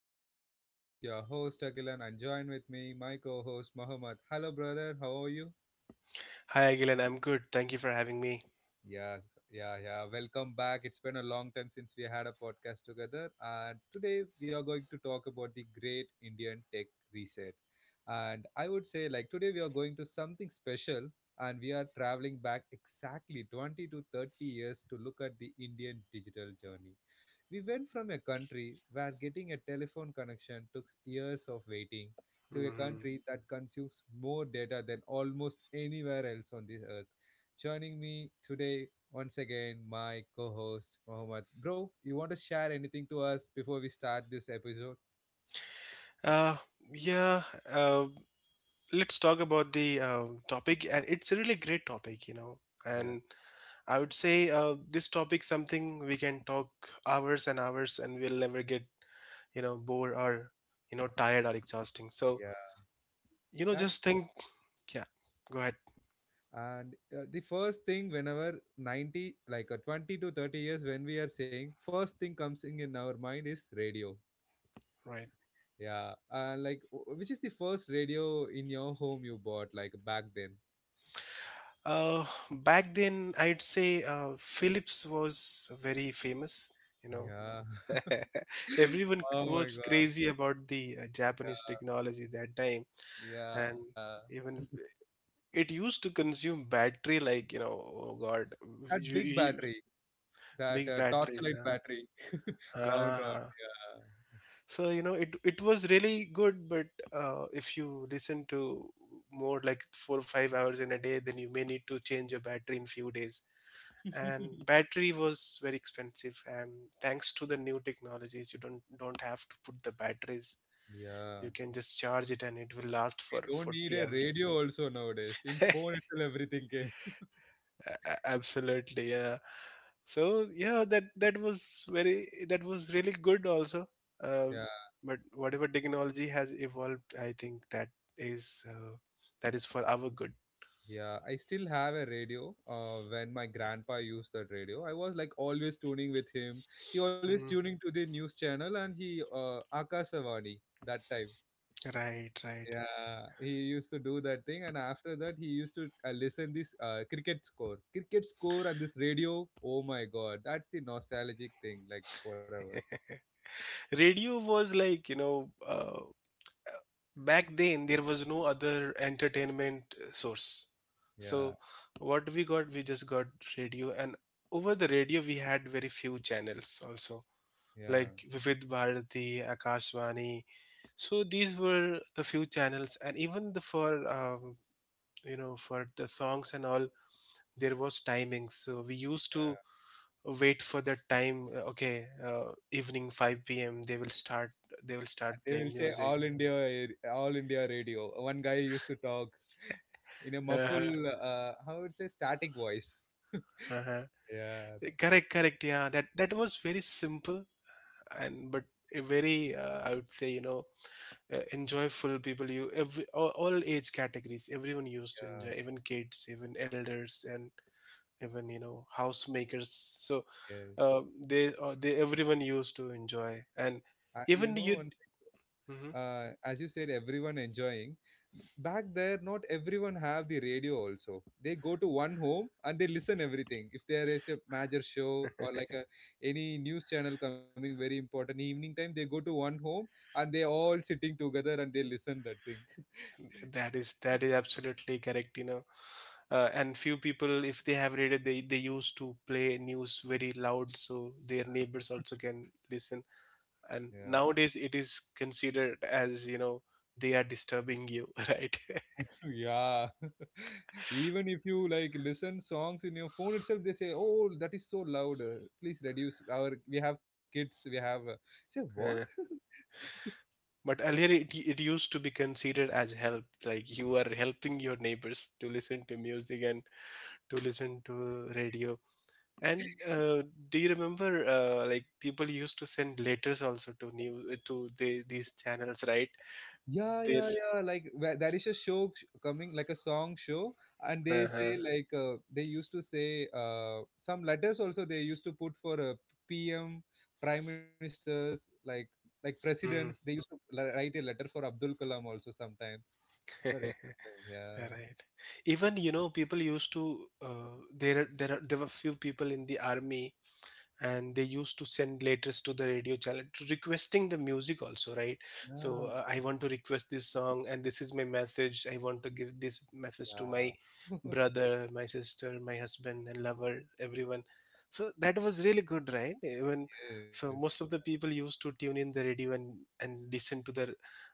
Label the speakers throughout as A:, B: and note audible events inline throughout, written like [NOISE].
A: my podcast. This is your host Akilan and join with me my co-host Mohammed. Hello brother, how are you?
B: Hi, Agilan. I'm good. Thank you for having me.
A: Yeah, yeah, yeah. Welcome back. It's been a long time since we had a podcast together. And today we are going to talk about the great Indian tech reset. And I would say, like, today we are going to something special and we are traveling back exactly 20 to 30 years to look at the Indian digital journey. We went from a country where getting a telephone connection took years of waiting to a
B: hmm
A: country that consumes more data than almost anywhere else on this earth. Joining me today, once again, my co host, Mohammed. Bro, you want to share anything to us before we start this episode?
B: Uh, yeah, uh, let's talk about the topic, and it's a really great topic, you know.
A: Yeah,
B: And I would say this topic something we can talk hours and hours, and we'll never get bored or tired or exhausting. So
A: yeah. That's
B: just think. Yeah, go ahead.
A: and The first thing whenever 90 20 to 30 years, when we are saying first thing comes in our mind is radio.
B: Right.
A: Yeah, like which is the first radio in your home you bought, like, back then?
B: Back then, I'd say Philips was very famous. You know,
A: Yeah.
B: [LAUGHS]
A: [LAUGHS]
B: Everyone
A: oh
B: c-
A: my
B: was
A: God.
B: crazy about the Japanese
A: Yeah,
B: technology that time, and
A: yeah,
B: even it used to consume battery like oh God,
A: that
B: you,
A: big
B: you-
A: battery. That
B: big batteries.
A: torchlight battery. [LAUGHS] round, round.
B: Uh So you know, it was really good, but if you listen to more like 4 or 5 hours in a day, then you may need to change your battery in few days.
A: Yeah.
B: And
A: [LAUGHS]
B: battery was very expensive, and thanks to the new technologies, you don't have to put the batteries.
A: Yeah,
B: You can just charge it and it will last
A: we
B: for
A: don't need
B: 40
A: a
B: hours.
A: radio also nowadays. In phone
B: [LAUGHS]
A: itself, everything came.
B: Absolutely, yeah. So yeah, that was really good also. uh,
A: Yeah,
B: but whatever technology has evolved, I think is uh, that is for our good.
A: yeah. I still have a radio. When my grandpa used that radio, I was like always tuning with him. He always
B: Mm,
A: tuning to the news channel, and he Akasavani that time.
B: right, right.
A: Yeah, he used to do that thing, and after that, he used to listen this cricket score, and this radio. Oh my God, that's the nostalgic thing, like forever.
B: [LAUGHS] Radio was like you know back then there was no other entertainment source.
A: Yeah,
B: So what we got, we just got radio, and over the radio we had very few channels also,
A: yeah.
B: like Vivid Bharati, Akashvani. So these were the few channels, and even the for um, you know for the songs and all, there was timings, so we used to wait for that time. Okay, evening 5 p.m. they will start, they will
A: And
B: start
A: they will
B: playing
A: say all
B: music.
A: India, all India radio. One guy used to talk [LAUGHS] in a
B: Uh-huh,
A: muffled, how would say, static voice.
B: uh-huh.
A: Yeah, that was.
B: Correct, correct. Yeah, that was very simple, and but a very I would say you know enjoyable people. You every all age categories, everyone used to
A: Yeah,
B: enjoy, even kids, even elders, and even you know housemakers. So
A: yes.
B: uh, they everyone used to enjoy, and
A: And you know,
B: even
A: one
B: you. Mhm.
A: as you said, everyone enjoying back there, not everyone have the radio also. They go to one home and they listen everything. If there is a major show or like a any news channel coming very important evening time, they go to one home and they all sitting together, and they listen that thing.
B: That is absolutely correct, you know. And few people, if they have read it, they used to play news very loud, so their neighbors also can listen. And
A: Yeah.
B: nowadays it is considered as you know they are disturbing you. [LAUGHS] Right.
A: [LAUGHS] yeah. [LAUGHS] even if you like listen songs in your phone itself, they say, "Oh, that is so loud, please reduce our, we have kids, we have say what."
B: Uh, but earlier, it used to be considered as help, like you are helping your neighbors to listen to music and to listen to radio. And do you remember like people used to send letters also to these channels, right?
A: Yeah,
B: Their.
A: yeah, yeah. Like where- There is a show coming, like a song show, and they say
B: Uh-huh.
A: like, they used to say some letters also they used to put for PM, prime ministers, like presidents. They
B: Mhm.
A: used to write a letter for Abdul Kalam also sometime. Correct. Yeah,
B: [LAUGHS] Right. Even you know people used to uh, there were few people in the army, and they used to send letters to the radio channel to requesting the music also, right?
A: yeah,
B: So I want to request this song, and this is my message, I want to give this message to my
A: yeah.
B: brother, my sister, my husband and lover, everyone. So that was really good, right? Even
A: [LAUGHS] yes,
B: so, most of the people used to tune in the radio and listen to the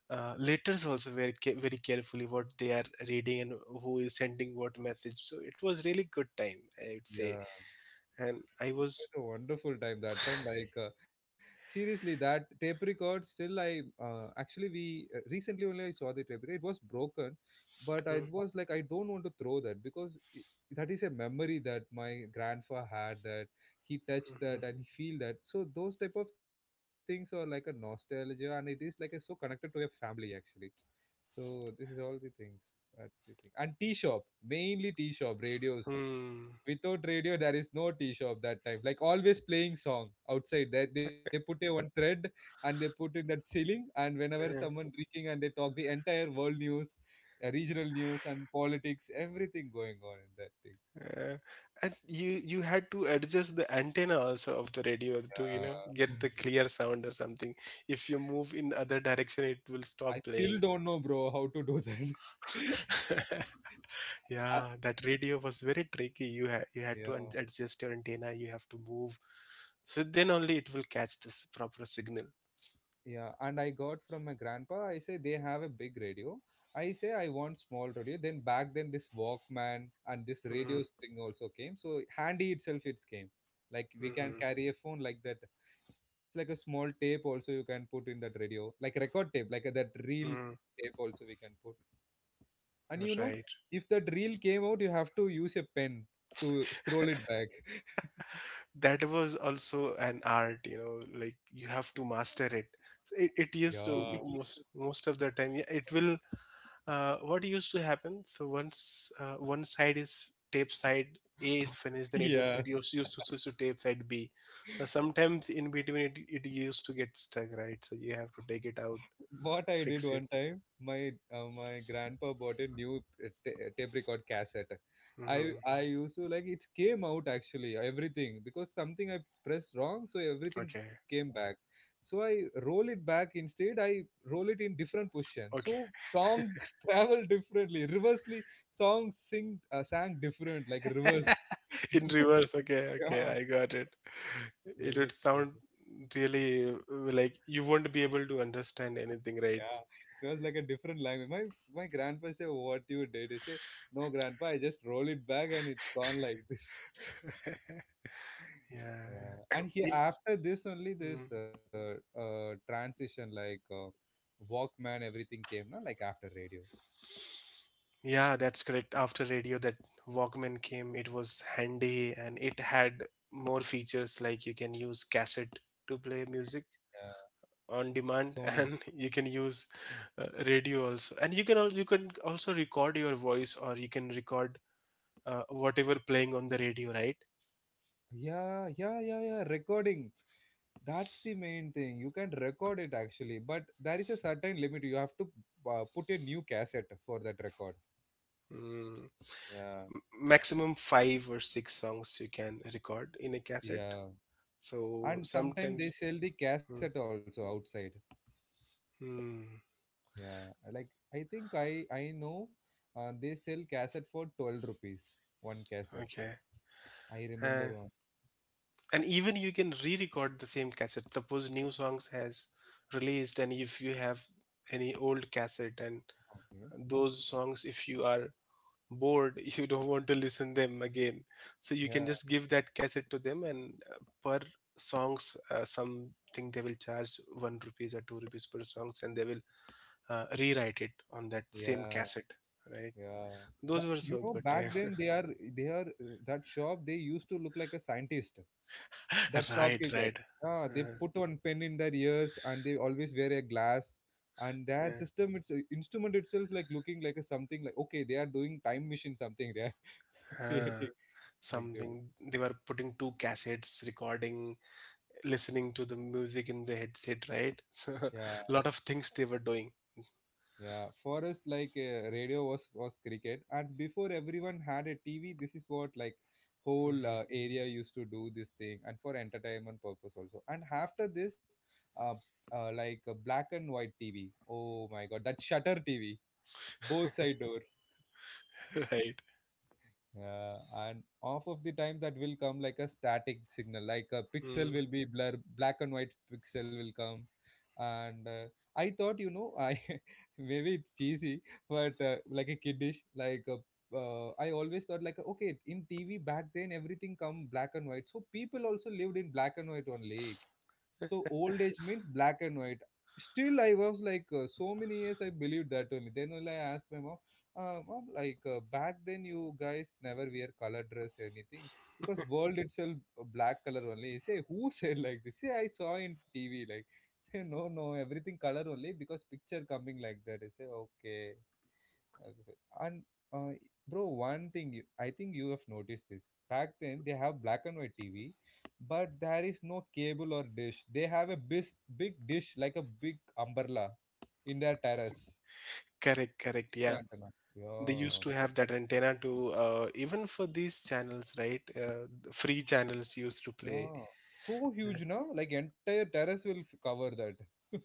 B: letters also very very carefully, what they are reading and who is sending what message. So it was really good time, I would say.
A: yeah.
B: And I was.
A: It was a wonderful time that time. Like, seriously, that tape record still I actually we recently only I saw the tape record. It was broken, but I
B: Mm,
A: was like, I don't want to throw that, because I that is a memory that my grandpa had, that he touched
B: mhm.
A: that and he feel that. So those type of things are like a nostalgia, and it is like a, so connected to your family actually. So this is all the things. That's the thing. And tea shop, mainly tea shop radios.
B: Hmm.
A: Without radio there is no tea shop that time, like always playing song outside. They put a one thread and they put in that ceiling, and whenever
B: Uh,
A: someone drinking and they talk the entire world news, regional news and politics, everything going on in that thing.
B: uh, and you had to adjust the antenna also of the radio to you know
A: Yeah.
B: get the clear sound or something. If you move in other direction, it will
A: [LAUGHS] I
B: stop
A: still
B: playing.
A: don't know, bro, how to do that. [LAUGHS]
B: [LAUGHS]
A: I,
B: Yeah, that radio was very tricky. You had to
A: yeah.
B: adjust your antenna. You have to move, so then only it will catch this proper signal.
A: Yeah, and I got from my grandpa. I say they have a big radio. I say I want small radio. Then back then this Walkman and this radios
B: Mm-hmm.
A: thing also came. So handy itself it came. Like we
B: Mm-hmm.
A: can carry a phone like that. It's like a small tape also you can put in that radio, like a record tape, like a, that reel
B: Mm-hmm.
A: tape also we can put. And you know,
B: Right.
A: if that reel came out, you have to use a pen to scroll it back. [LAUGHS]
B: That was also an art, you know, like you have to master it. So it
A: Yeah,
B: used to most of the time, yeah, it will what used to happen. So once one side is tape side A is finished, then it will- it
A: [LAUGHS]
B: used, used to switch to tape side B.
A: yeah.
B: So sometimes in between, it used to get stuck, right? So you have to take it out,
A: What I did
B: fix
A: one
B: it.
A: time, my my grandpa bought a new tape record cassette. I
B: Hmm.
A: I used to like it came out actually everything because something I pressed wrong, so everything
B: Okay,
A: came back. So I roll it back instead. I roll it in different position.
B: okay.
A: So song [LAUGHS] travel differently. Reversely, song sing sang different like reverse.
B: [LAUGHS] In
A: [LAUGHS]
B: reverse, okay, okay,
A: yeah,
B: I got it.
A: it
B: It
A: was
B: would
A: like so.
B: sound really like you won't be able to understand anything,
A: Yeah,
B: right?
A: it was like a different language. My grandpa said, "What you did?" I say, "No, grandpa, I just roll it back and it's gone like [LAUGHS] this."
B: [LAUGHS] Yeah.
A: Yeah,
B: [COUGHS]
A: and he
B: If-
A: after this only this
B: mm.
A: transition like Walkman everything came, no? Like after radio.
B: Yeah, that's correct. After radio, that Walkman came. It was handy and it had more features, like you can use cassette to play
A: Yeah,
B: music on
A: Sony.
B: demand [LAUGHS] and you can use radio also, and you can you can also record your voice, or you can record whatever playing on the radio, right?
A: Yeah, yeah, yeah, yeah. Recording. That's the main thing. You can record it actually, but there is a certain limit. You have to put a new cassette for that record.
B: Mm.
A: Yeah.
B: Maximum five or six songs you can record in a cassette.
A: Yeah,
B: So
A: and sometimes they
B: sometimes,
A: sell the cassette
B: hmm,
A: also outside.
B: hmm,
A: Yeah, like, I think I know they sell cassette for 12 rupees, one cassette.
B: okay.
A: I remember
B: uh,
A: one.
B: and even you can re-record the same cassette. Suppose new songs has released, and if you have any old cassette and
A: Okay.
B: those songs, if you are bored, [LAUGHS] you don't want to listen them again, so you can
A: Yeah,
B: just give that cassette to them, and per songs, something they will charge one rupees or two rupees per songs, and they will rewrite it on that same
A: yeah,
B: cassette, right?
A: yeah.
B: Those were
A: You
B: so
A: know,
B: good, eh?
A: back then they are, they are, that shop they used to look like a scientist, that
B: [LAUGHS] Right,
A: shopkeeper.
B: right.
A: Yeah, they
B: Uh,
A: put one pen in their ears and they always wear a glass, and their
B: uh,
A: system, it's instrument itself, like looking like a something like, okay, they are doing time machine something they are [LAUGHS]
B: uh,
A: creating, like the.
B: Something they were putting two cassettes, recording, listening to the music in the headset, right? [LAUGHS] So,
A: Yeah,
B: a lot of things they were doing.
A: yeah, for us like, radio was cricket, and before everyone had a TV, this is what like whole
B: Mhm.
A: area used to do this thing, and for entertainment purpose also. And after this uh, like a black and white TV, oh my God, that shutter TV, both side door.
B: [LAUGHS] Right.
A: Yeah, and half of the time that will come like a static signal, like a pixel
B: Mm.
A: will be blur, black and white pixel will come. And I thought, you know, I [LAUGHS] maybe it's cheesy, but like a kiddish, like a, I always thought like, okay, in TV back then everything come black and white, so people also lived in black and white only. So old age means black and white. Still, I was like, so many years I believed that only. Then only I asked my mom, well, like, back then, you guys never wear color dress or anything, because world itself black color only. You say who [LAUGHS] said like this? Say I saw in TV like, [LAUGHS] say no no everything color only because picture coming like that. I say okay. I say, and uh, bro, one thing you, I think you have noticed this. Back then they have black and white TV, but there is no cable or dish. They have a big dish like a big umbrella in their terrace.
B: Correct, correct.
A: [LAUGHS]
B: Yeah.
A: Antenna.
B: They
A: Yeah.
B: used to have that antenna to even for these channels, right? The free channels used to play.
A: Yeah, so
B: Uh,
A: huge, na? Like entire terrace will cover that. [LAUGHS]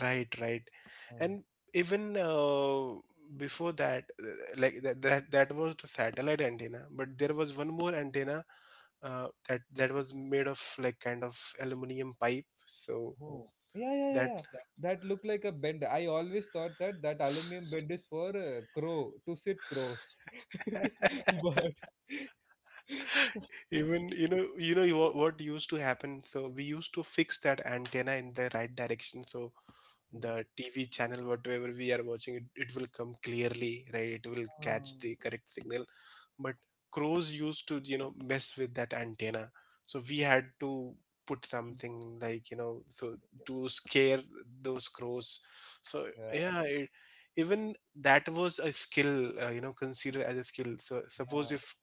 B: Right, right.
A: Uh,
B: And even before that, like that was the satellite antenna, but there was one more antenna, that that was made of like kind of aluminum pipe. So
A: oh, yeah, yeah, yeah,
B: that.
A: yeah. That, that looked like a bend. I always thought that that aluminum bend is for crow to sit crows.
B: [LAUGHS]
A: [LAUGHS] But
B: Even you know what used to happen, so we used to fix that antenna in the right direction, so the TV channel whatever we are watching, it will come clearly, right? It will
A: uh,
B: catch the correct signal, but crows used to you know mess with that antenna, so we had to put
A: mm,
B: something like you know so to scare those crows. So
A: yeah,
B: yeah, it, even that was a skill, you know, considered as a skill. So suppose if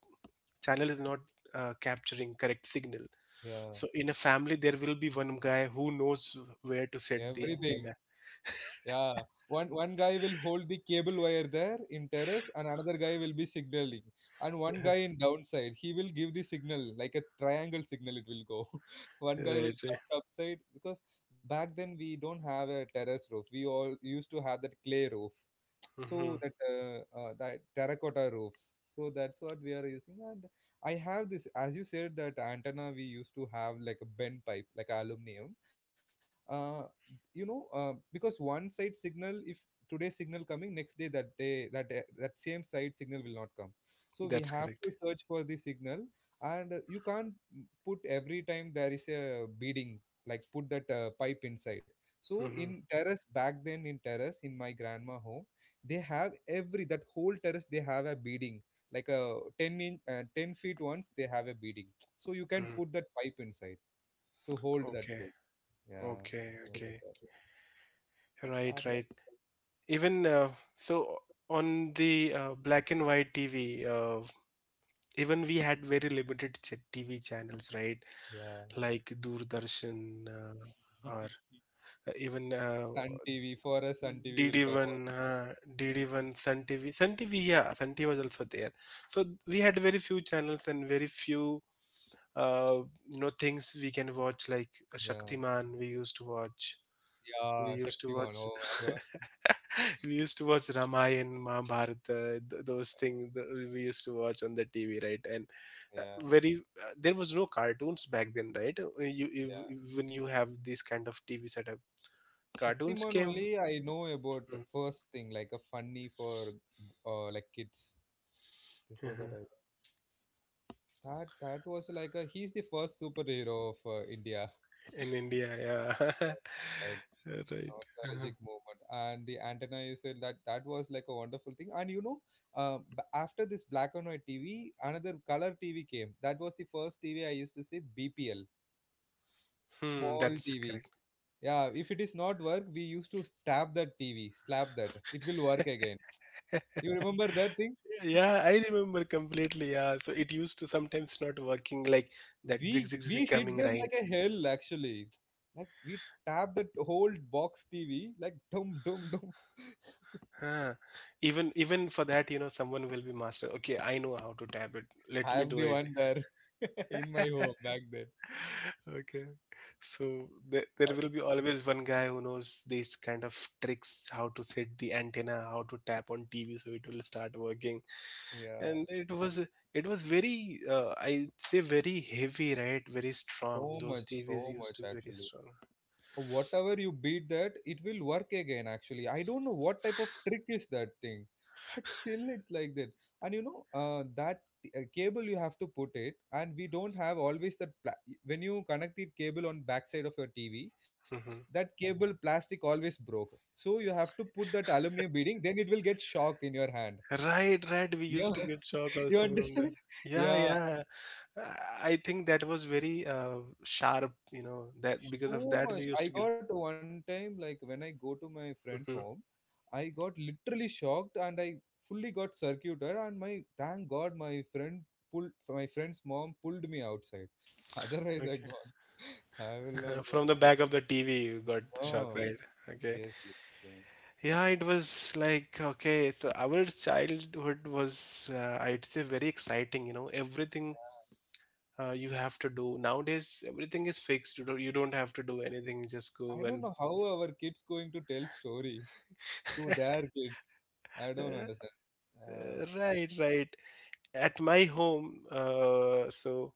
B: channel is not capturing correct signal, so
A: yeah,
B: in a family there will be one guy who knows where to
A: yeah,
B: set the
A: everything.
B: antenna.
A: Yeah, one guy will hold the cable wire there in terrace, and another guy will be signaling, and one guy
B: [LAUGHS]
A: in downside he will give the signal like a triangle signal. It will go. [LAUGHS] One guy will
B: Right, right.
A: shout upside, because back then we don't have a terrace roof. We all used to have that clay roof,
B: Hmm,
A: so that that terracotta roofs. So that's what we are using. And I have this, as you said, that antenna we used to have like a bent pipe, like aluminum. Uh, you know, because one side signal, if today signal coming, next day that day, that same side signal will not come, so we
B: that's
A: have
B: correct.
A: to search for the signal. And you can't put every time, there is a beading, like put that pipe inside. So
B: Hmm,
A: in terrace back then, in terrace in my grandma home, they have every that whole terrace they have a beading, like a 10 inch, 10 feet once they have a beading, so you can
B: hmm.
A: put that pipe inside to hold that
B: Okay,
A: place. Yeah,
B: okay,
A: I
B: okay.
A: remember.
B: Right,
A: That is
B: right. Even so on the black and white TV, uh, even we had very limited TV channels, right?
A: yeah.
B: Like Doordarshan, uh, or even
A: Sun TV, for us, Sun TV will come on.
B: DD1, DD1, Sun TV. Sun TV, yeah, Sun TV was also there. So we had very few channels and very few, uh, you know, things we can watch, like
A: Yeah.
B: Shaktiman. We used to watch.
A: Yeah.
B: We
A: Shaktiman.
B: used to
A: Oh
B: watch.
A: my God.
B: [LAUGHS] We used to watch Ramayan, Mahabharata, those things that we used to watch on the TV, right? And
A: Yeah.
B: very, there was no cartoons back then, right? You, you
A: Yeah.
B: When you have this kind of TV setup, cartoons
A: Shaktiman
B: came.
A: only I know about
B: Mm.
A: first thing, like a funny for like kids. Before that, I
B: [LAUGHS]
A: that that was like a he's the first superhero of India.
B: In India, yeah. [LAUGHS]
A: Like
B: Right. Uh-huh.
A: nostalgic moment, and the antenna you said that that was like a wonderful thing, and after this black and white TV another color TV came, that was the first TV I used to say, BPL
B: Hmm, that's
A: small TV.
B: correct.
A: Yeah, if it is not work we used to stab that TV, slap that, it will work again,
B: [LAUGHS]
A: you remember that thing?
B: Yeah, I remember completely. Yeah, so it used to sometimes not working, like that zig
A: we
B: zig
A: we
B: zig
A: hit
B: coming
A: them
B: rain.
A: like a hell actually, like we tap that whole box TV like dum dum dum.
B: Huh. Even even for that, you know, someone will be master. Okay, I know how to tap it.
A: [LAUGHS]
B: Let
A: I
B: me
A: am
B: do
A: the
B: it.
A: one there. [LAUGHS] In my home back then.
B: [LAUGHS] Okay. So there will be always one guy who knows these kind of tricks, how to set the antenna, how to tap on TV so it will start working.
A: Yeah,
B: And it was, it was very I'd say very heavy, right? Very strong.
A: so
B: Those
A: much,
B: TVs
A: so
B: used to
A: much
B: be very
A: actually.
B: strong.
A: Whatever you beat that, it will work again actually. I don't know what type of trick is that thing, [LAUGHS] but still it's like that. And that cable you have to put it, and we don't have always that pla when you connect it cable on backside of your TV, that
B: Hmm.
A: cable plastic always broke. So you have to put that aluminum beading, then it will get shock in your hand.
B: Right, right. We
A: Yeah,
B: used to get shock
A: [LAUGHS] you
B: also from that.
A: understand?
B: Yeah,
A: Yeah,
B: yeah. I think that was very sharp, you know, that because of
A: too
B: that we
A: much.
B: used to
A: I
B: get.
A: got one time, like when I go to my friend's
B: Mhm.
A: home, I got literally shocked, and I fully got circuited. And my, thank God, my friend's mom pulled me outside. [LAUGHS] Otherwise,
B: Okay.
A: I gone. I will
B: Uh-huh.
A: not.
B: From the back of the TV, you got the shock,
A: Oh,
B: right? Okay.
A: yes, yes, same.
B: Yeah, it was like, okay, so our childhood was, I'd say, very exciting, you know, everything.
A: Yeah,
B: You have to do nowadays everything is fixed, you don't have to do anything, you just
A: I
B: go
A: don't
B: and.
A: know how our kids going to tell story [LAUGHS] to their kids. I
B: [LAUGHS] uh,
A: don't understand. Uh,
B: right, right. At my home, so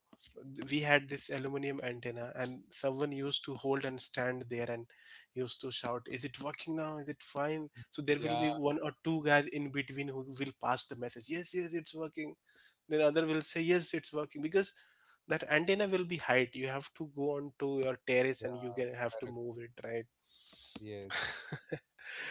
B: we had this aluminum antenna and someone used to hold and stand there and used to shout, is it working now, is it fine? So there will
A: yeah,
B: be one or two guys in between who will pass the message, yes yes it's working, then other will say yes it's working, because that antenna will be height, you have to go on to your terrace and you
A: yeah,
B: can have to
A: correct.
B: move it, right?
A: Yes,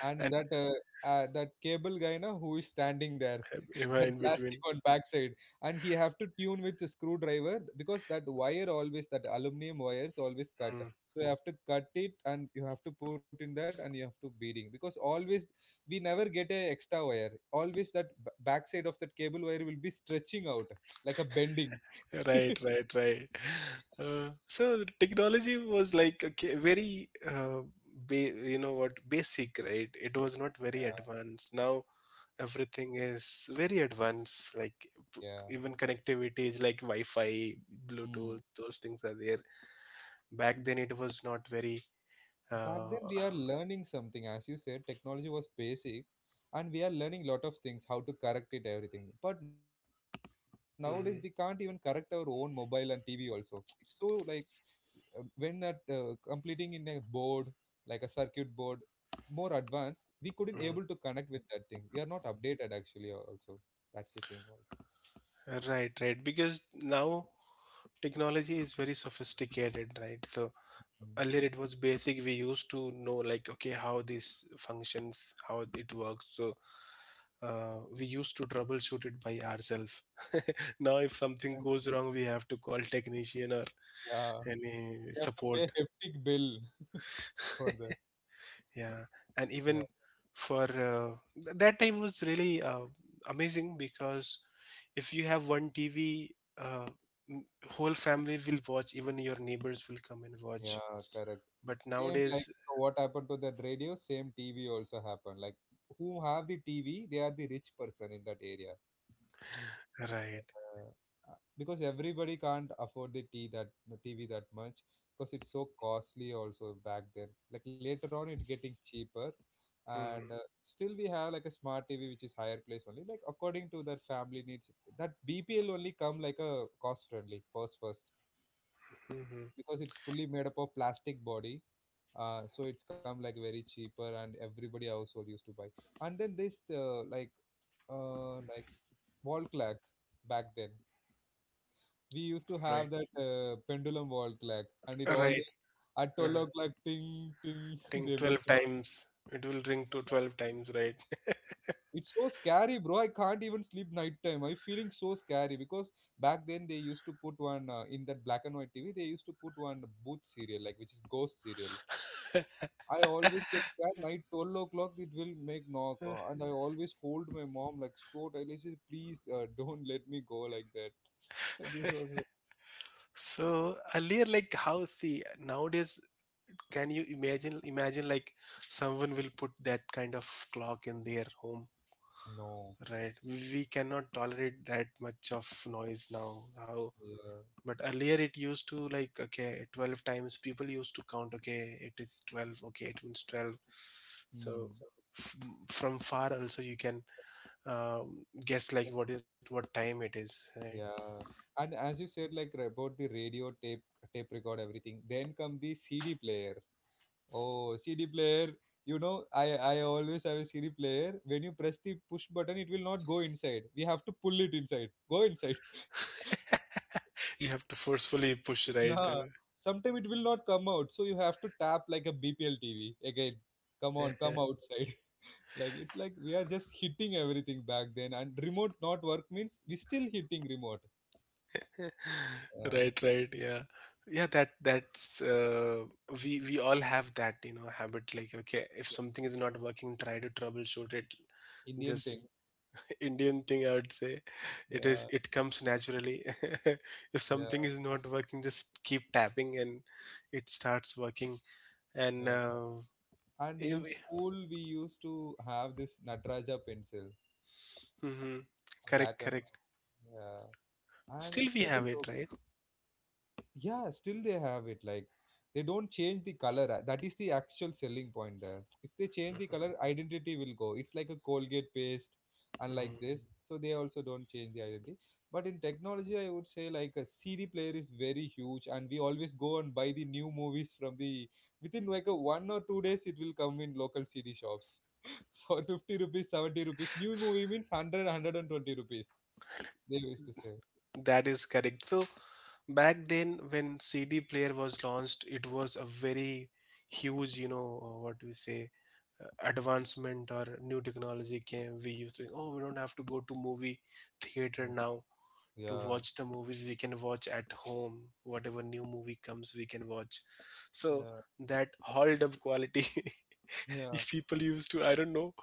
A: and
B: And
A: that cable guy, na, who is standing there.
B: Eva
A: That
B: in
A: [LAUGHS] plastic
B: between.
A: on backside, and he have to tune with the screwdriver because that wire always, that aluminum wires always cut,
B: Mm.
A: so you have to cut it and you have to put in that and you have to beading, because always we never get a extra wire, always that backside of that cable wire will be stretching out [TSK] like a bending. [LAUGHS]
B: Right,
A: Yeah,
B: right, right. So the technology was like a very, you know what, basic, right? It was not very advanced. Now everything is very advanced. Like p-
A: yeah,
B: even connectivity is like Wi-Fi, Bluetooth, those things are there. Back then it was not very.
A: back
B: Uh,
A: then we are learning something, as you said, technology was basic, and we are learning lot of things how to correct it everything, but nowadays we can't even correct our
B: mm,
A: own mobile and TV also. It's so like when at completing in a board, like a circuit board, more advanced we couldn't able to
B: mm.
A: connect with that thing, we are not updated actually also, that's the thing also.
B: Right, right. Because now technology is very sophisticated, right? So
A: Mm.
B: earlier it was basic. We used to know like, okay, how these functions, how it works. So we used to troubleshoot it by ourselves. [LAUGHS] Now if something
A: And,
B: goes wrong, we have to call technician or
A: yeah,
B: any
A: we have to pay
B: support.
A: hefty bill [LAUGHS] for that.
B: Yeah, and
A: Yeah.
B: even for that time was really amazing because if you have one tv, uh, m- whole family will watch, even your neighbors will come and watch.
A: Yeah, correct.
B: But
A: Same
B: nowadays,
A: like what happened to that radio, same TV also happened. Like who have the TV, they are the rich person in that area.
B: right,
A: Uh, because everybody can't afford the tea, that the TV that much, because it's so costly also back then. Like later on, it getting cheaper, and
B: hmm,
A: still we have like a smart TV which is higher place only. Like according to their family needs, that BPL only come like a cost friendly first,
B: hmm,
A: because it's fully made up of plastic body, so it's come like very cheaper and everybody household used to buy. And then this like wall clock back then, we used to
B: right.
A: have that pendulum wall clock, and it
B: Right.
A: always at 12
B: uh
A: o'clock ting ting [LAUGHS]
B: Think
A: they
B: 12
A: make sound.
B: times. It will ring to 12 times, right?
A: It's so scary, bro, I can't even sleep night time, I'm feeling so scary, because back then they used to put one in that black and white TV, they used to put one booth serial, like which is ghost serial. I always kept that night 12 o'clock it will make knock, and I always hold my mom like so tightly, she said, please, [LAUGHS] don't let me go like that. [LAUGHS] This was like,
B: [LAUGHS] So earlier, like how see nowadays, can you imagine like someone will put that kind of clock in their home,
A: no.
B: right? We cannot tolerate that much of noise now. How,
A: Yeah.
B: but earlier it used to like, okay, 12 times people used to count, okay, it is 12, okay, it means 12. So
A: Hmm.
B: f- from far also you can guess like what what time it is. Right?
A: Yeah. And as you said, like, about the radio tape, tape record, everything, then come the CD player. Oh, CD player, you know I I always have a CD player, when you press the push button it will not go inside, we have to pull it inside, go inside.
B: You have to forcefully push, right.
A: Yeah, sometime it will not come out, so you have to tap like a BPL TV again. Come on, come
B: [LAUGHS]
A: outside. [LAUGHS] Like it's like we are just hitting everything back then, and remote not work means we still hitting remote. Yeah.
B: Right, right. Yeah, yeah. That's we all have that habit. Like, okay, if something is not working, try to troubleshoot it.
A: Indian
B: Just
A: thing.
B: Indian thing, I would say. It is.
A: Yeah,
B: It comes naturally. [LAUGHS] If
A: yeah,
B: something is not working, just keep tapping and it starts working. And
A: yeah. And
B: it,
A: in school, we used to have this Nataraja pencil,
B: hmm,
A: a black
B: correct,
A: and
B: correct.
A: white. Yeah, and
B: Still,
A: it's
B: we
A: like a
B: have it,
A: soap.
B: right?
A: Yeah, still they have it. Like they don't change the color. That is the actual selling point there. If they change the color, identity will go. It's like a Colgate paste, and like
B: Mhm.
A: this. So they also don't change the identity. But in technology, I would say like a CD player is very huge, and we always go and buy the new movies from the within like a 1 or 2 days. It will come in local CD shops [LAUGHS] for 50 rupees, 70 rupees. New movie means 100, rupees. They used to say.
B: That is correct. So, back then, when CD player was launched, it was a very huge, what do we say, advancement or new technology came. We used to, oh, we don't have to go to movie theater now, to
A: Yeah,
B: watch the movies we can watch at home. Whatever new movie comes, we can watch. So
A: yeah,
B: that hauled up quality. [LAUGHS]
A: yeah.
B: If people used to, I don't know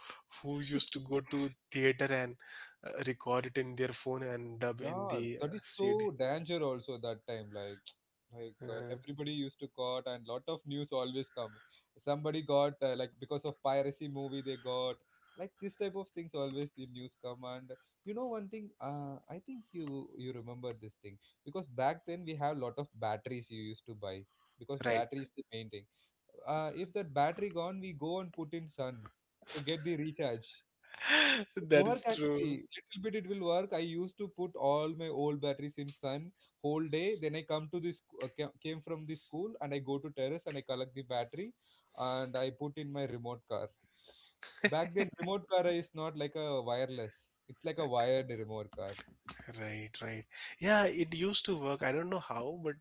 B: who
A: Yeah. [LAUGHS]
B: used to go to theater and record it in their phone and dub in
A: Yeah,
B: the
A: that is
B: CD.
A: so danger also that time. Like
B: Uh,
A: everybody used to got, and lot of news always come. Somebody got, like, because of piracy movie they got, like this type of things always the news come. And you know one thing. I think you remember this thing, because back then we have lot of batteries you used to buy, because
B: right.
A: battery is the main thing. If that battery gone, we go and put in sun to get the recharge.
B: [LAUGHS]
A: It
B: That
A: work
B: is true.
A: actually. Little bit it will work. I used to put all my old batteries in sun whole day. Then I come to this came from the school, and I go to terrace and I collect the battery, and I put in my remote car. Back then, remote car is not like a wireless. It's like a wired remote car.
B: Right, right. Yeah,
A: Yeah.
B: it used to work. I don't know how, but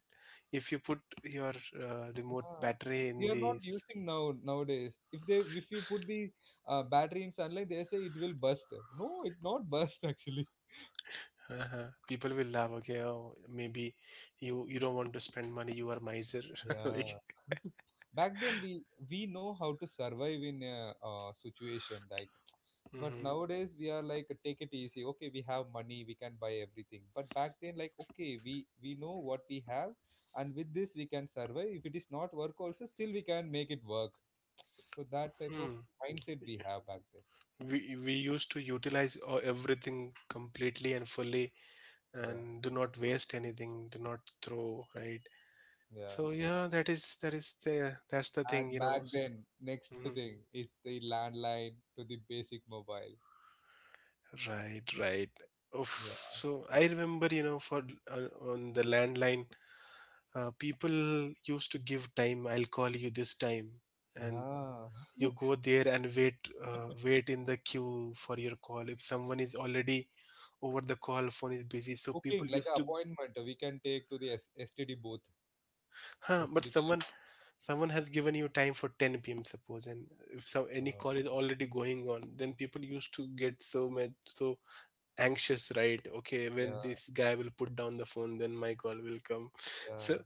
B: if you put your remote
A: Yeah.
B: battery
A: We
B: in
A: are not
B: the,
A: using now nowadays. If you put the battery in sunlight, they say it will burst. No, it not burst [LAUGHS] actually.
B: uh-huh. People will laugh. Okay, oh, maybe you don't want to spend money. You are miser. [LAUGHS] Like,
A: Yeah. [LAUGHS] Back then we know how to survive in a situation like, but
B: hmm,
A: nowadays we are like take it easy, okay we have money we can buy everything, but back then like okay we know what we have, and with this we can survive, if it is not work also still we can make it work, so that type of
B: hmm.
A: mindset we have back then.
B: We used to utilize everything completely and fully,
A: Yeah,
B: and do not waste anything. Do not throw. Right. So
A: yeah,
B: yeah, that's the thing. You
A: and
B: know.
A: back then next
B: Mhm.
A: thing is the landline to the basic mobile.
B: Right. Right. Oof.
A: Yeah,
B: So I remember, for on the landline, people used to give time. I'll call you this time, and
A: yeah. [LAUGHS]
B: you go there and wait in the queue for your call if someone is already over the call, phone is busy, so people
A: Booking, like an
B: used to,
A: appointment we can take to the S STD booth,
B: huh, but
A: STD
B: someone
A: telephone.
B: someone has given you time for 10 p.m suppose, and if some any
A: Uh,
B: call is already going on, then people used to get so mad, so anxious, right, okay,
A: yeah,
B: when this guy will put down the phone, then my call will come. [LAUGHS] So
A: yeah,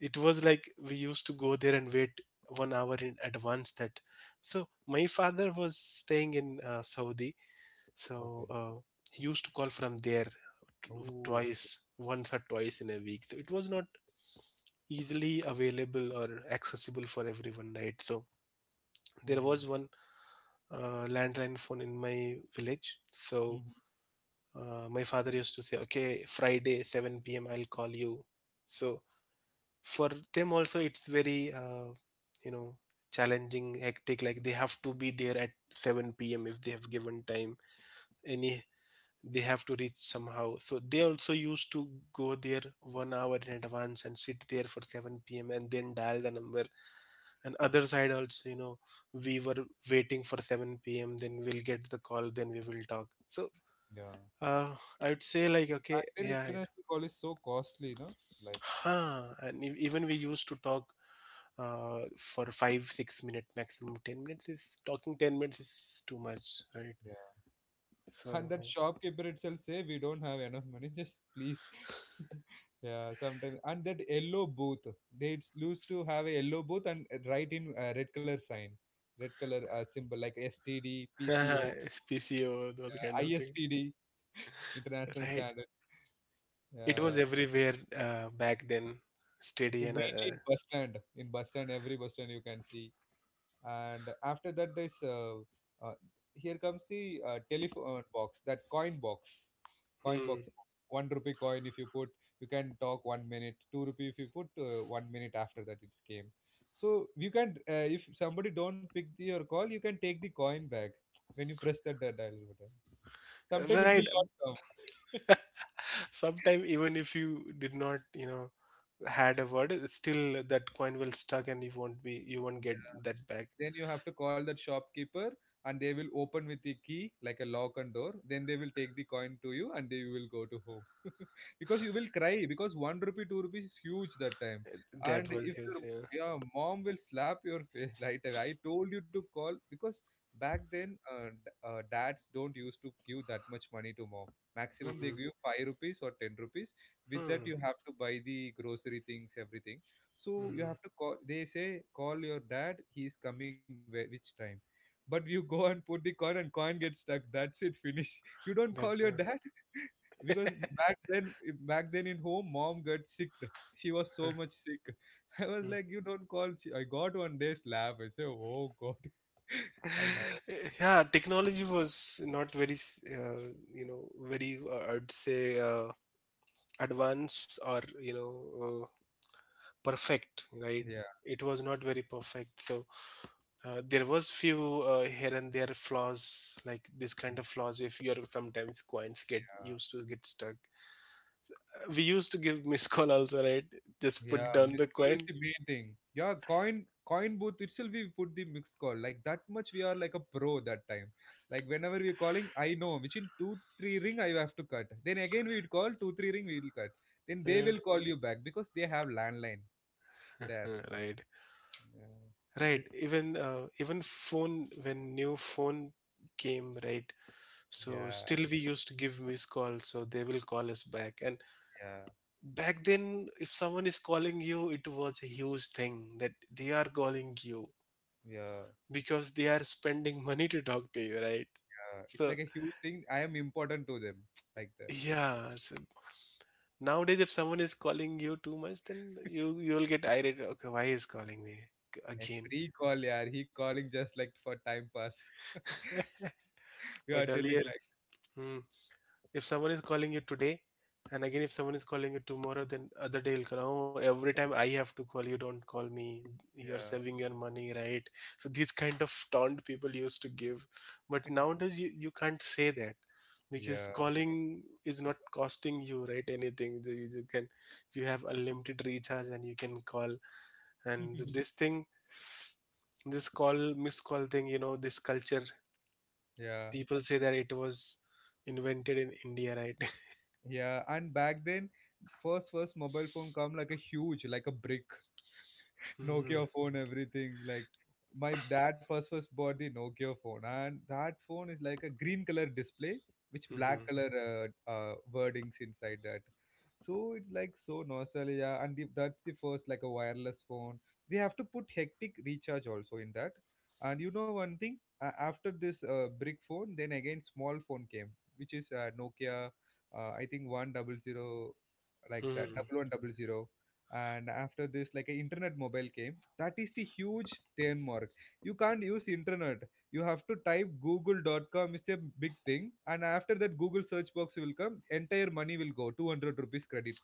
B: it was like we used to go there and wait one hour in advance that, so my father was staying in Saudi. So
A: okay.
B: he used to call from there, t-
A: Oh,
B: twice,
A: okay.
B: once or twice in a week. So it was not easily available or accessible for everyone, right? So there
A: Mm-hmm.
B: was one landline phone in my village. So
A: Mm-hmm.
B: my father used to say, okay, Friday, 7 p.m., I'll call you. So for them also, it's very, you know, challenging, hectic. Like, they have to be there at 7 p.m. if they have given time, any, they have to reach somehow, so they also used to go there one hour in advance and sit there for 7 p.m and then dial the number. And other side also, we were waiting for 7 p.m, then we'll get the call, then we will talk. So
A: Yeah.
B: uh, I would say like, okay,
A: Active
B: yeah, it,
A: international call is so costly, no? Like,
B: huh, and even we used to talk, for 5-6 minute maximum. 10 minutes is talking, 10 minutes is too much, right?
A: yeah.
B: So
A: And that shopkeeper itself say we don't have enough money, just please. [LAUGHS] Yeah, sometimes. And that yellow booth, they used to have a yellow booth and write in red color sign, red color symbol like STD, PCO,
B: [LAUGHS] pco those kind of things,
A: ISTD, [LAUGHS] international
B: right.
A: standard.
B: It was
A: Yeah.
B: everywhere back then, steady
A: Yeah,
B: and
A: mainly in bus stand, every bus stand you can see. And after that there's uh, here comes the telephone box, that coin box, coin box
B: hmm,
A: 1 rupee coin, if you put you can talk one minute, 2 rupee if you put one minute, after that it's came. So you can, if somebody don't pick your call you can take the coin back when you press that dial button, sometime it
B: right.
A: will not come. [LAUGHS]
B: Sometime even if you did not, had a word, still that coin will stuck and you won't get that back.
A: Then you have to call that shopkeeper, and they will open with the key like a lock and door, then they will take the coin to you, and they will go to home. [LAUGHS] Because you will cry because 1 rupee, 2 rupees is huge that time.
B: That
A: And
B: was
A: if
B: huge.
A: your,
B: Yeah.
A: yeah, mom will slap your face [LAUGHS] like that. I told you to call, because back then, dads don't used to give that much money to mom. Maximum they
B: Mm-hmm.
A: give 5 rupees or 10 rupees. With that
B: Hmm.
A: you have to buy the grocery things, everything, so you have
B: Mm-hmm.
A: to call, they say call your dad, he is coming where, which time, but you go and put the coin and coin gets stuck, that's it, finish. [LAUGHS] You don't call
B: That's.
A: your dad, [LAUGHS] because back then, in home mom got sick, she was
B: Uh,
A: so much sick, [LAUGHS] I was
B: mm.
A: like you don't call she, I got one day slap, I say oh god, [LAUGHS] I know.
B: [LAUGHS] Yeah, technology was not very, very, I'd say, advanced or, perfect, right?
A: Yeah.
B: It was not very perfect, so there was few here and there flaws, like this
A: Yeah.
B: kind of flaws, if you are sometimes coins get used to get stuck. We used to give [LAUGHS] miss call also, right, just put
A: Yeah,
B: down
A: missed
B: the
A: call
B: coin.
A: is the main thing. Yeah, coin booth itself we put the mixed call. Like that much we are like a pro that time. Like whenever we're calling, I know which in two three ring I have to cut. Then again we'd call two three ring we'll cut. Then they will
B: Uh,
A: call you back because they have landline there.
B: [LAUGHS] right,
A: Yeah.
B: right.
A: This,
B: Even phone, when new phone came, right, so
A: yeah,
B: still we used to give miss call so they will call us back. And
A: yeah,
B: back then if someone is calling you, it was a huge thing that they are calling you
A: yeah.
B: because they are spending [LAUGHS] money to talk to you, right.
A: Yeah. It's
B: So
A: like a huge thing. I am important to them. [TSK] Like that.
B: yeah, so nowadays if someone is calling you too much, then you'll get irate, okay, why is calling me
A: A
B: again?
A: free call, yeah. He calling just like for time pass.
B: [LAUGHS]
A: [LAUGHS] We are
B: But
A: telling
B: earlier,
A: like
B: hmm, if someone is calling you today, and again if someone is calling you tomorrow, then other day will call. Oh, every time I have to call you, don't call me. You're
A: yeah.
B: saving your money, right? So these kind of taunt people used to give, but nowadays you can't say that because calling is not costing you, right, anything. You can you have unlimited recharge and you can call. And
A: Yeah. [LAUGHS]
B: this thing, this call miss call thing, this culture
A: Yeah.
B: people say that it was invented in India, right?
A: Yeah, and back then, first mobile phone come like a huge, like a brick,
B: [LAUGHS] Hmm.
A: Nokia phone, everything. Like my dad first bought the Nokia phone, and that phone is like a green color display, which black
B: Mhm.
A: color wordings inside that. So it's like so nostalgia, and that's the first like a wireless phone. We have to put hectic recharge also in that. And you know one thing, after this brick phone, then again small phone came, which is Nokia. I think one double zero, like that,
B: Mhm.
A: double one double zero. And after this like a internet mobile came, that is the huge landmark. You can't use internet, you have to type Google.com. Is a big thing, and after that Google search box will come, entire money will go, 200 rupees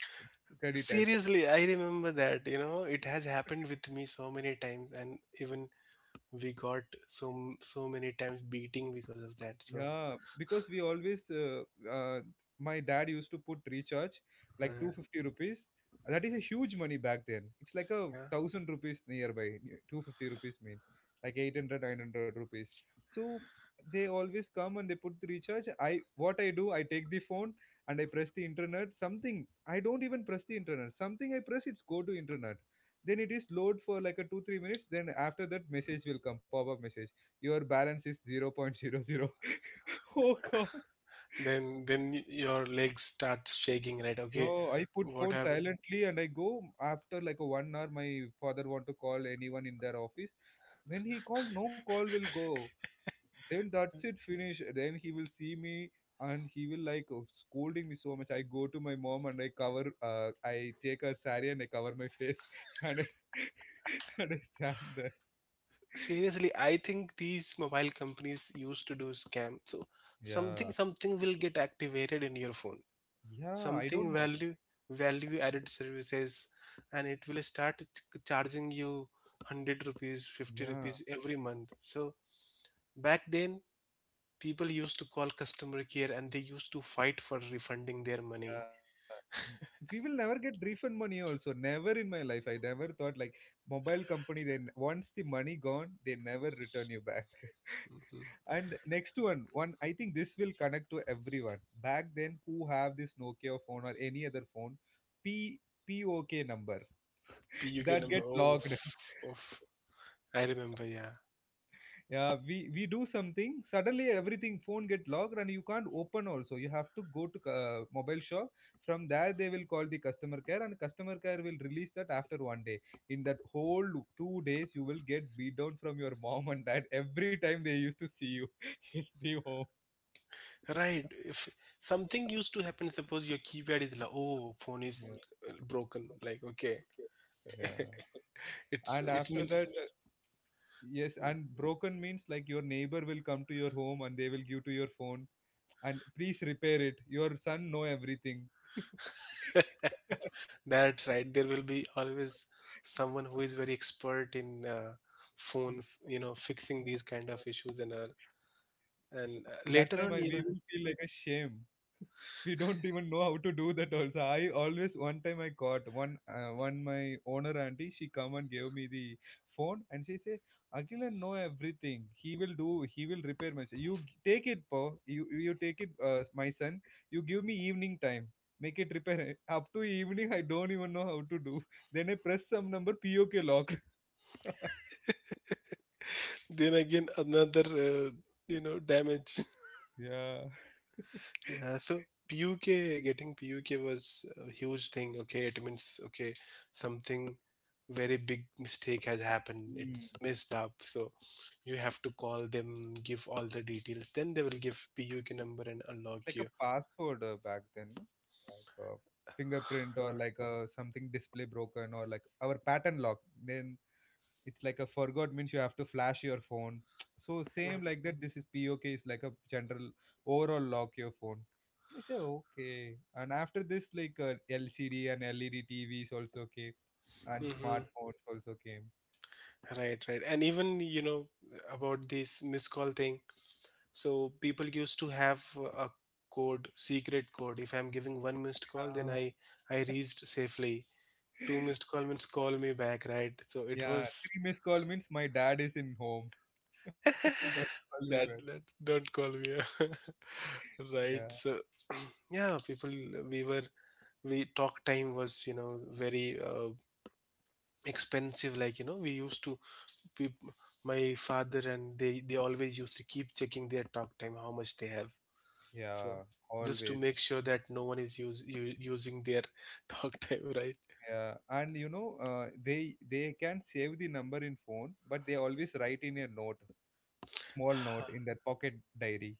A: credited.
B: Seriously, I remember that, it has happened with me so many times, and even we got so many times beating because of that. So,
A: Yeah, because we always, uh, my dad used to put recharge like
B: uh,
A: 250 rupees. That is a huge money back then. It's like a
B: yeah.
A: thousand rupees nearby. 250 rupees means like 800, 900 rupees. So they always come and they put the recharge. I what I do, I take the phone and I press the internet. Something I don't even press the internet. Something I press, it's go to internet. Then it is load for like a 2 3 minutes. Then after that, message will come, pop up message your balance is 0.00. [LAUGHS] Oh god.
B: Then your legs starts shaking, right? Okay,
A: No, I put
B: what
A: phone
B: happened?
A: silently and I go. After like a 1 hour, my father want to call anyone in their office. When he called, no call will go. Then that's it, finish. Then he will see me and he will like oh, scolding me so much. I go to my mom and I take a sari and I cover my face [LAUGHS] and I, [LAUGHS] and I stand there.
B: Seriously, I think these mobile companies used to do scam. So
A: Yeah.
B: something will get activated in your phone.
A: Yeah, I
B: Something
A: don't know.
B: value added services, and it will start charging you 100 rupees, 50 rupees
A: Yeah.
B: every month. So back then people used to call customer care and they used to fight for refunding their money.
A: We will never get refund money also, never in my life I never thought like mobile company. Then once the money gone, they never return you back.
B: Hmm.
A: [LAUGHS] And next one, one I think this will connect to everyone. Back then who have this Nokia phone or any other phone, p POK number.
B: PUK
A: [LAUGHS] That, yes,
B: number.
A: get
B: Oh,
A: logged. [LAUGHS]
B: oh I remember, yeah,
A: Yeah, we do something, suddenly everything phone get locked and you can't open also. You have to go to mobile shop. From there they will call the customer care and customer care will release that after 1 day. In that whole 2 days you will get beat down from your mom and dad [LAUGHS] every time they used to see you [LAUGHS] in the home.
B: right. If something used to happen, suppose your keypad is like, oh, phone is
A: Yes,
B: broken, like, okay,
A: yeah, and that's
B: it
A: after
B: means,
A: correct. That yes. And broken means like your neighbor will come to your home and they will give to your phone and please repair it, your son know everything.
B: that's right. There will be always someone who is very expert in phone, fixing these
A: [LAUGHS]
B: kind of issues and all. And
A: That time I
B: later
A: we
B: on,
A: will feel like a shame. We don't even know how to do that. Also, I always one time I caught one my owner auntie. She come and gave me the phone and she say, Agilan know everything. He will do. He will repair my. Take it, po. You take it, my son. You give me evening time. Make it repair. [LAUGHS] it." Up to evening, I don't even know how to do. Then I press some number. POK locked. [LAUGHS]
B: then again another, damage.
A: Yeah.
B: [LAUGHS] Yeah. So PUK getting PUK was a huge thing. Okay, it means, okay, something very big mistake has happened. It's messed up. So you have to call them, give all the details. Then they will give PUK number and unlock
A: Like a
B: you.
A: password back then, no? Like a fingerprint or
B: Uh,
A: like a something display broken or like our pattern lock. Then it's like a forgot means you have to flash your phone. [TSK] So same like that. This is POK is like a general overall lock your phone. I said okay, and after this like LCD and LED TVs also came, and
B: mm-hmm.
A: smartphones also came.
B: Right, right. And even, about this miscall thing. So people used to have a code, secret code. If I'm giving one missed call, then
A: Uh,
B: I reached safely. Two
A: [LAUGHS]
B: missed call means call me back, right? So it
A: yeah,
B: was
A: three missed call means my dad is in home. [LAUGHS] Don't call me
B: [LAUGHS]
A: back.
B: that don't call me. [LAUGHS]
A: Yeah,
B: Right. So [CLEARS THROAT] yeah, people, we were we talk time was, very expensive. Like, we used to, peop- my father and they always used to keep checking their talk time, how much they have.
A: yeah,
B: So just to
A: always.
B: make sure that no one is using their [LAUGHS] talk time, right.
A: Yeah, and you know, they can save the number in phone, but they always write in a note, small note in their
B: [SIGHS]
A: pocket diary.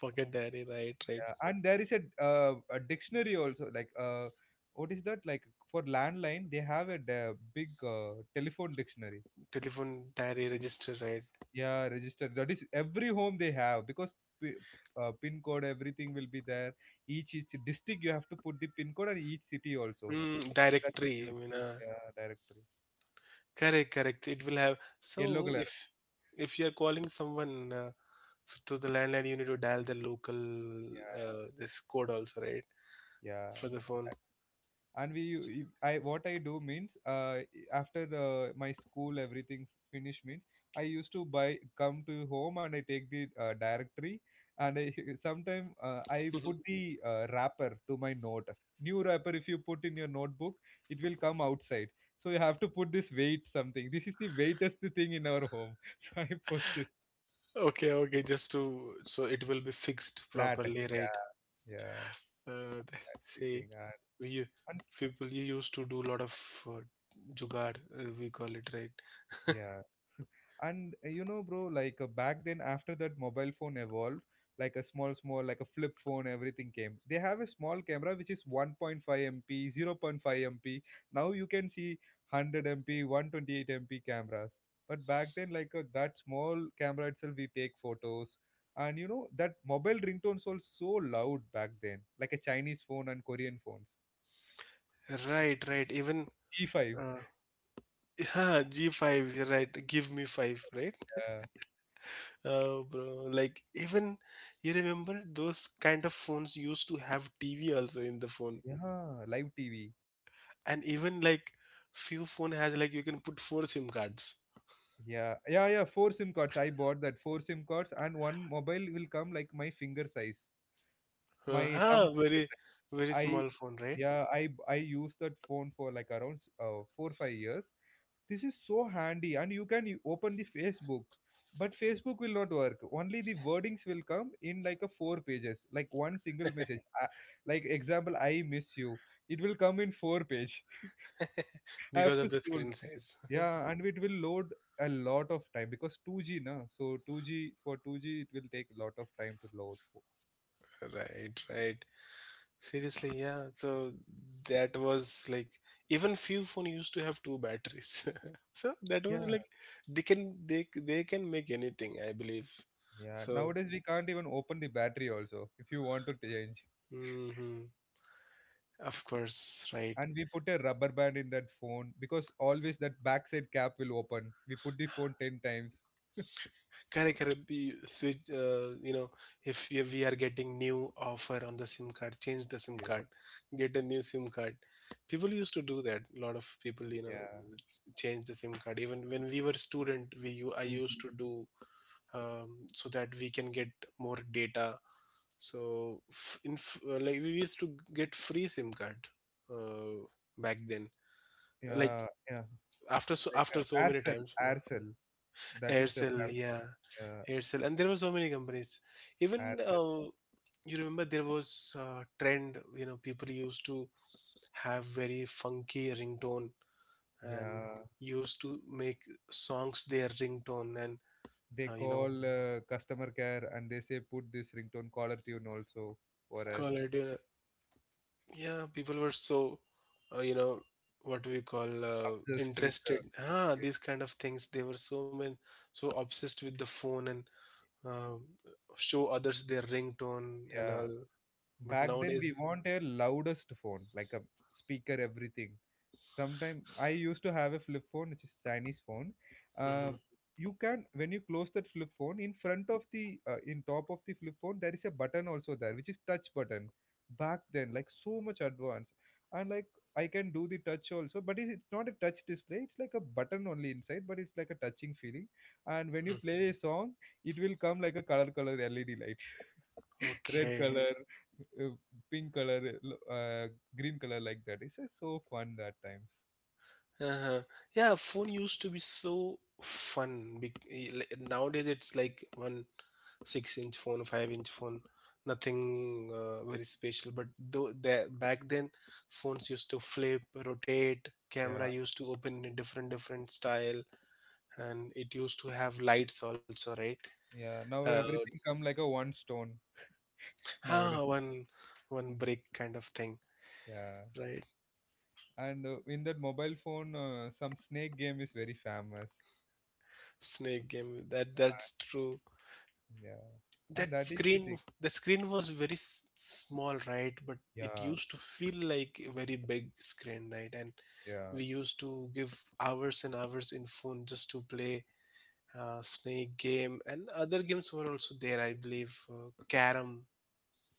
B: Pocket diary, right, right,
A: Yeah. And there is a dictionary also, like what is that? Like for landline, they have a big telephone dictionary.
B: telephone diary, register, right,
A: Yeah, register. That is every home they have because p pin code everything will be there. Each district you have to put the pin code and each city also. So that is
B: directory, I
A: huge.
B: mean,
A: Yeah, directory.
B: correct, correct. It will have, so
A: Yellow color.
B: if you are calling someone, to the landline, you need to dial the local,
A: Yeah,
B: this code also, right,
A: yeah.
B: for the phone. [LAUGHS]
A: And we I what I do means after the my school everything finish means I used to buy, come to home and I take the directory, and I [LAUGHS] sometime I put the wrapper to my note. New wrapper if you put in your notebook, it will come outside, so you have to put this weight something. This is the weightest thing in our home. [LAUGHS] So I put it
B: Okay, okay, just to so it will be fixed
A: flat.
B: properly, right?
A: Yeah, yeah,
B: Uh, the-
A: that's the
B: say
A: thing. and,
B: we u-
A: and
B: People you used to do a lot of uh, jugaad, we call it, right?
A: yeah. And you know bro, like back then after that mobile phone evolved, like a small small like a flip phone everything came. They have a small camera which is 1.5 mp, 0.5 mp. Now you can see 100 mp, 128 mp cameras. But back then like that small camera itself we take photos. And you know that mobile ringtones were so loud back then, like a Chinese phone and Korean phones.
B: Right, right. Even
A: T5.
B: uh, [LAUGHS] yeah, G5, you're right? Give me five, right?
A: Yeah,
B: Bro, like, even you remember those kind of phones used to have TV also in the phone,
A: yeah, live TV.
B: and even like few phone has like you can put four SIM cards.
A: Yeah, yeah, yeah. Four SIM cards. I bought that. Four SIM cards and one mobile will come like my finger size, my thumb finger
B: Very
A: size.
B: very
A: I
B: small phone, right?
A: yeah, I used that phone for like around 4 5 years. This is so handy, and you can open the Facebook, but Facebook will not work. Only the wordings will come in like a four pages, like one single message. Like example, I miss you. It will come in four page. [LAUGHS]
B: [LAUGHS]
A: I
B: Because
A: have
B: of
A: to
B: the
A: scroll,
B: screen size. [LAUGHS]
A: yeah, and it will load a lot of time because 2G na. So 2G, for 2G it will take a lot of time to load.
B: Right, right. Seriously, yeah. So that was like even few phone used to have two batteries. [LAUGHS] So that was
A: Yeah,
B: like they can make anything, I believe.
A: yeah.
B: So
A: Nowadays we can't even open the battery also if you want to change.
B: hmm of course, right.
A: And we put a rubber band in that phone because always that backside cap will open. We put the phone 10 times.
B: Correct, correct. Switch, if you, we are getting new offer on the SIM card, change the SIM
A: Yeah.
B: card, get a new SIM card. People used to do that. A lot of people,
A: Yeah.
B: change the SIM card. Even when we were student, I used
A: Mhm.
B: to do so that we can get more data. So like we used to get free SIM card uh, back then. Like
A: Yeah, yeah. Like
B: after so many
A: Aircel,
B: times, no?
A: Aircel. That is a
B: Aircel,
A: famous
B: yeah,
A: uh,
B: Aircel, and there were so many companies. Even
A: Aircel.
B: you remember there was a trend. People used to have very funky ringtone and
A: Yeah.
B: used to make songs their ringtone and uh,
A: They
B: you know
A: call customer care and they say put this ringtone caller tune also for us,
B: call it. Yeah, people were so uh, you know what we call
A: obsessed with
B: interested. Ah,
A: yeah,
B: these kind of things. They were so many, so obsessed with the phone and uh, show others their ringtone and
A: yeah.
B: all. But
A: Back then we
B: nowadays.
A: want a loudest phone like a speaker everything. Sometime I used to have a flip phone which is Chinese phone.
B: Mhm.
A: uh, you can when you close that flip phone, in front of the in top of the flip phone there is a button also there, which is touch button. Back then, like so much advanced. And like I can do the touch also, but it's not a touch display, it's like a button only inside, but it's like a touching feeling. And when you play a song, it will come like a color color led light. [LAUGHS] [LAUGHS] Red
B: Okay.
A: color, uh, pink color, green color, like that. It's just so fun that times.
B: Uh-huh. Yeah, phone used to be so fun. Nowadays it's like one 6 inch phone, 5 inch phone, nothing very special. But though that back then, phones used to flip, rotate.
A: Yeah,
B: Camera used to open in a different different style, and it used to have lights also, right?
A: yeah. Now
B: Uh,
A: everything come like a one stone [LAUGHS] nowadays.
B: ha, one one brick kind of thing,
A: Yeah,
B: right?
A: and in that mobile phone, some snake game is very famous.
B: Snake game. That's true.
A: Yeah, and
B: That
A: that is the
B: screen,
A: thing.
B: the screen was very small, right? But it
A: Yeah,
B: used to feel like a very big screen, right? And
A: yeah.
B: we used to give hours and hours in phone just to play snake game, and other games were also there, I believe. Carom,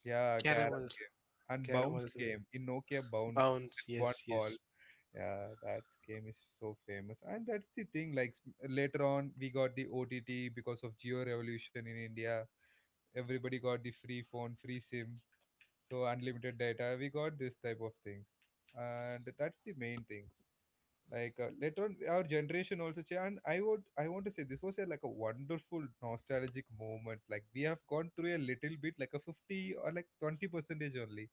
A: Yeah,
B: carom
A: carom
B: was
A: game and
B: carom
A: bounce
B: was a
A: game in Nokia bounce
B: bounce,
A: one
B: yes,
A: ball.
B: yes.
A: Yeah, that game is so famous, and that's the thing. Like later on, we got the OTT because of Geo Revolution in India. Everybody got the free phone, free SIM, so unlimited data. We got this type of things, and that's the main thing. Like later on, our generation also changed. And I want to say this was a, like a wonderful nostalgic moments. Like we have gone through a little bit, like a 50 or like 20 percentage only,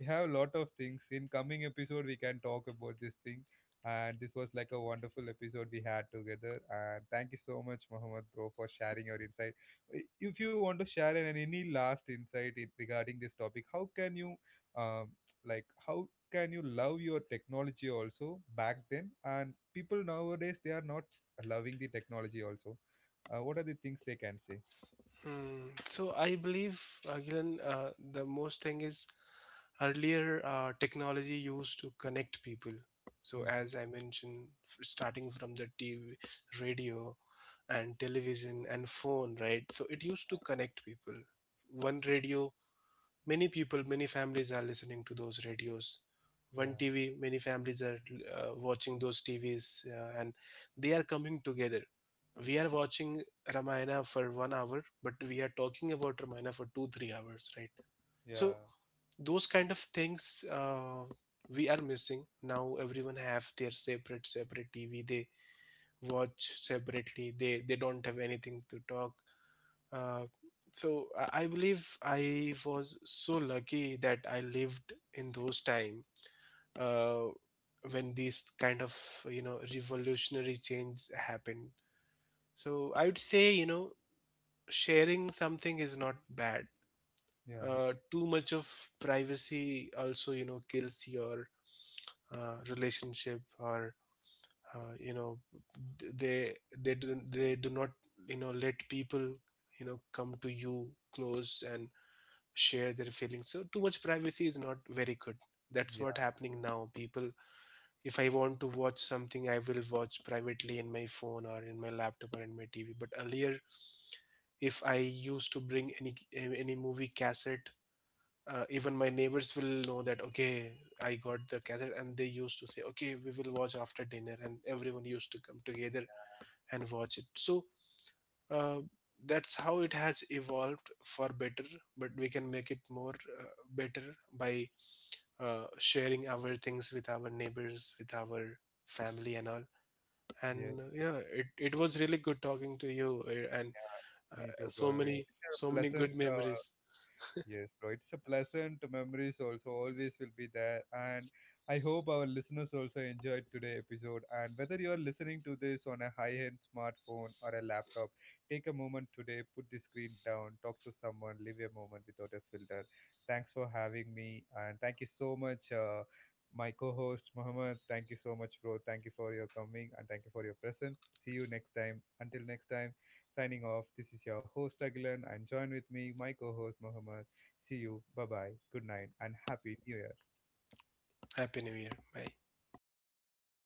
A: we have a lot of things. In coming episode, we can talk about this thing. And this was like a wonderful episode we had together. And thank you so much, Mohammed, bro, for sharing your insight. If you want to share any last insight regarding this topic, um, like, how can you love your technology also back then? And people nowadays they are not loving the technology also. What are the things they can say?
B: Hmm. So I believe, again, the most thing is earlier technology used to connect people. So
A: Mhm.
B: as I mentioned, starting from the TV, radio, and television and phone, right? So it used to connect people. One radio. Many people, many families are listening to those radios. One
A: Yeah,
B: TV, many families are watching those TVs, and they are coming together. We are watching Ramayana for 1 hour, but we are talking about Ramayana for 2, 3 hours, right?
A: yeah,
B: So those kind of things, we are missing now. Everyone have their separate, separate TV. They watch separately. They don't have anything to talk. Uh, so I believe I was so lucky that I lived in those time, uh, when these kind of revolutionary change happened. So I would say, sharing something is not bad.
A: yeah,
B: Too much of privacy also, kills your relationship, or uh, you know d- they they do not let people come to you close and share their feelings. So too much privacy is not very good. That's what
A: yeah,
B: happening now. People, if I want to watch something, I will watch privately in my phone or in my laptop or in my TV. But earlier, if I used to bring any movie cassette, even my neighbors will know that okay, I got the cassette, and they used to say okay, we will watch after dinner, and everyone used to come together and watch it. So uh, that's how it has evolved for better, but we can make it more better by sharing our things with our neighbors, with our family and all.
A: yeah.
B: And yeah, it was really good talking to you, and
A: Yeah, me too, bro. It's a
B: so many
A: pleasant
B: good memories.
A: Yes, bro. It's a pleasant memories also always will be there. And I hope our listeners also enjoyed today episode. And whether you are listening to this on a high-end smartphone or a laptop, take a moment today, put the screen down, talk to someone, live a moment without a filter. Thanks for having me. And thank you so much, my co-host Mohammed. Thank you so much, bro. Thank you for your coming and thank you for your presence. See you next time. Until next time, signing off. This is your host Agilan and join with me, my co-host Mohammed. See you, bye bye, good night, and happy new year.
B: Happy new year, bye.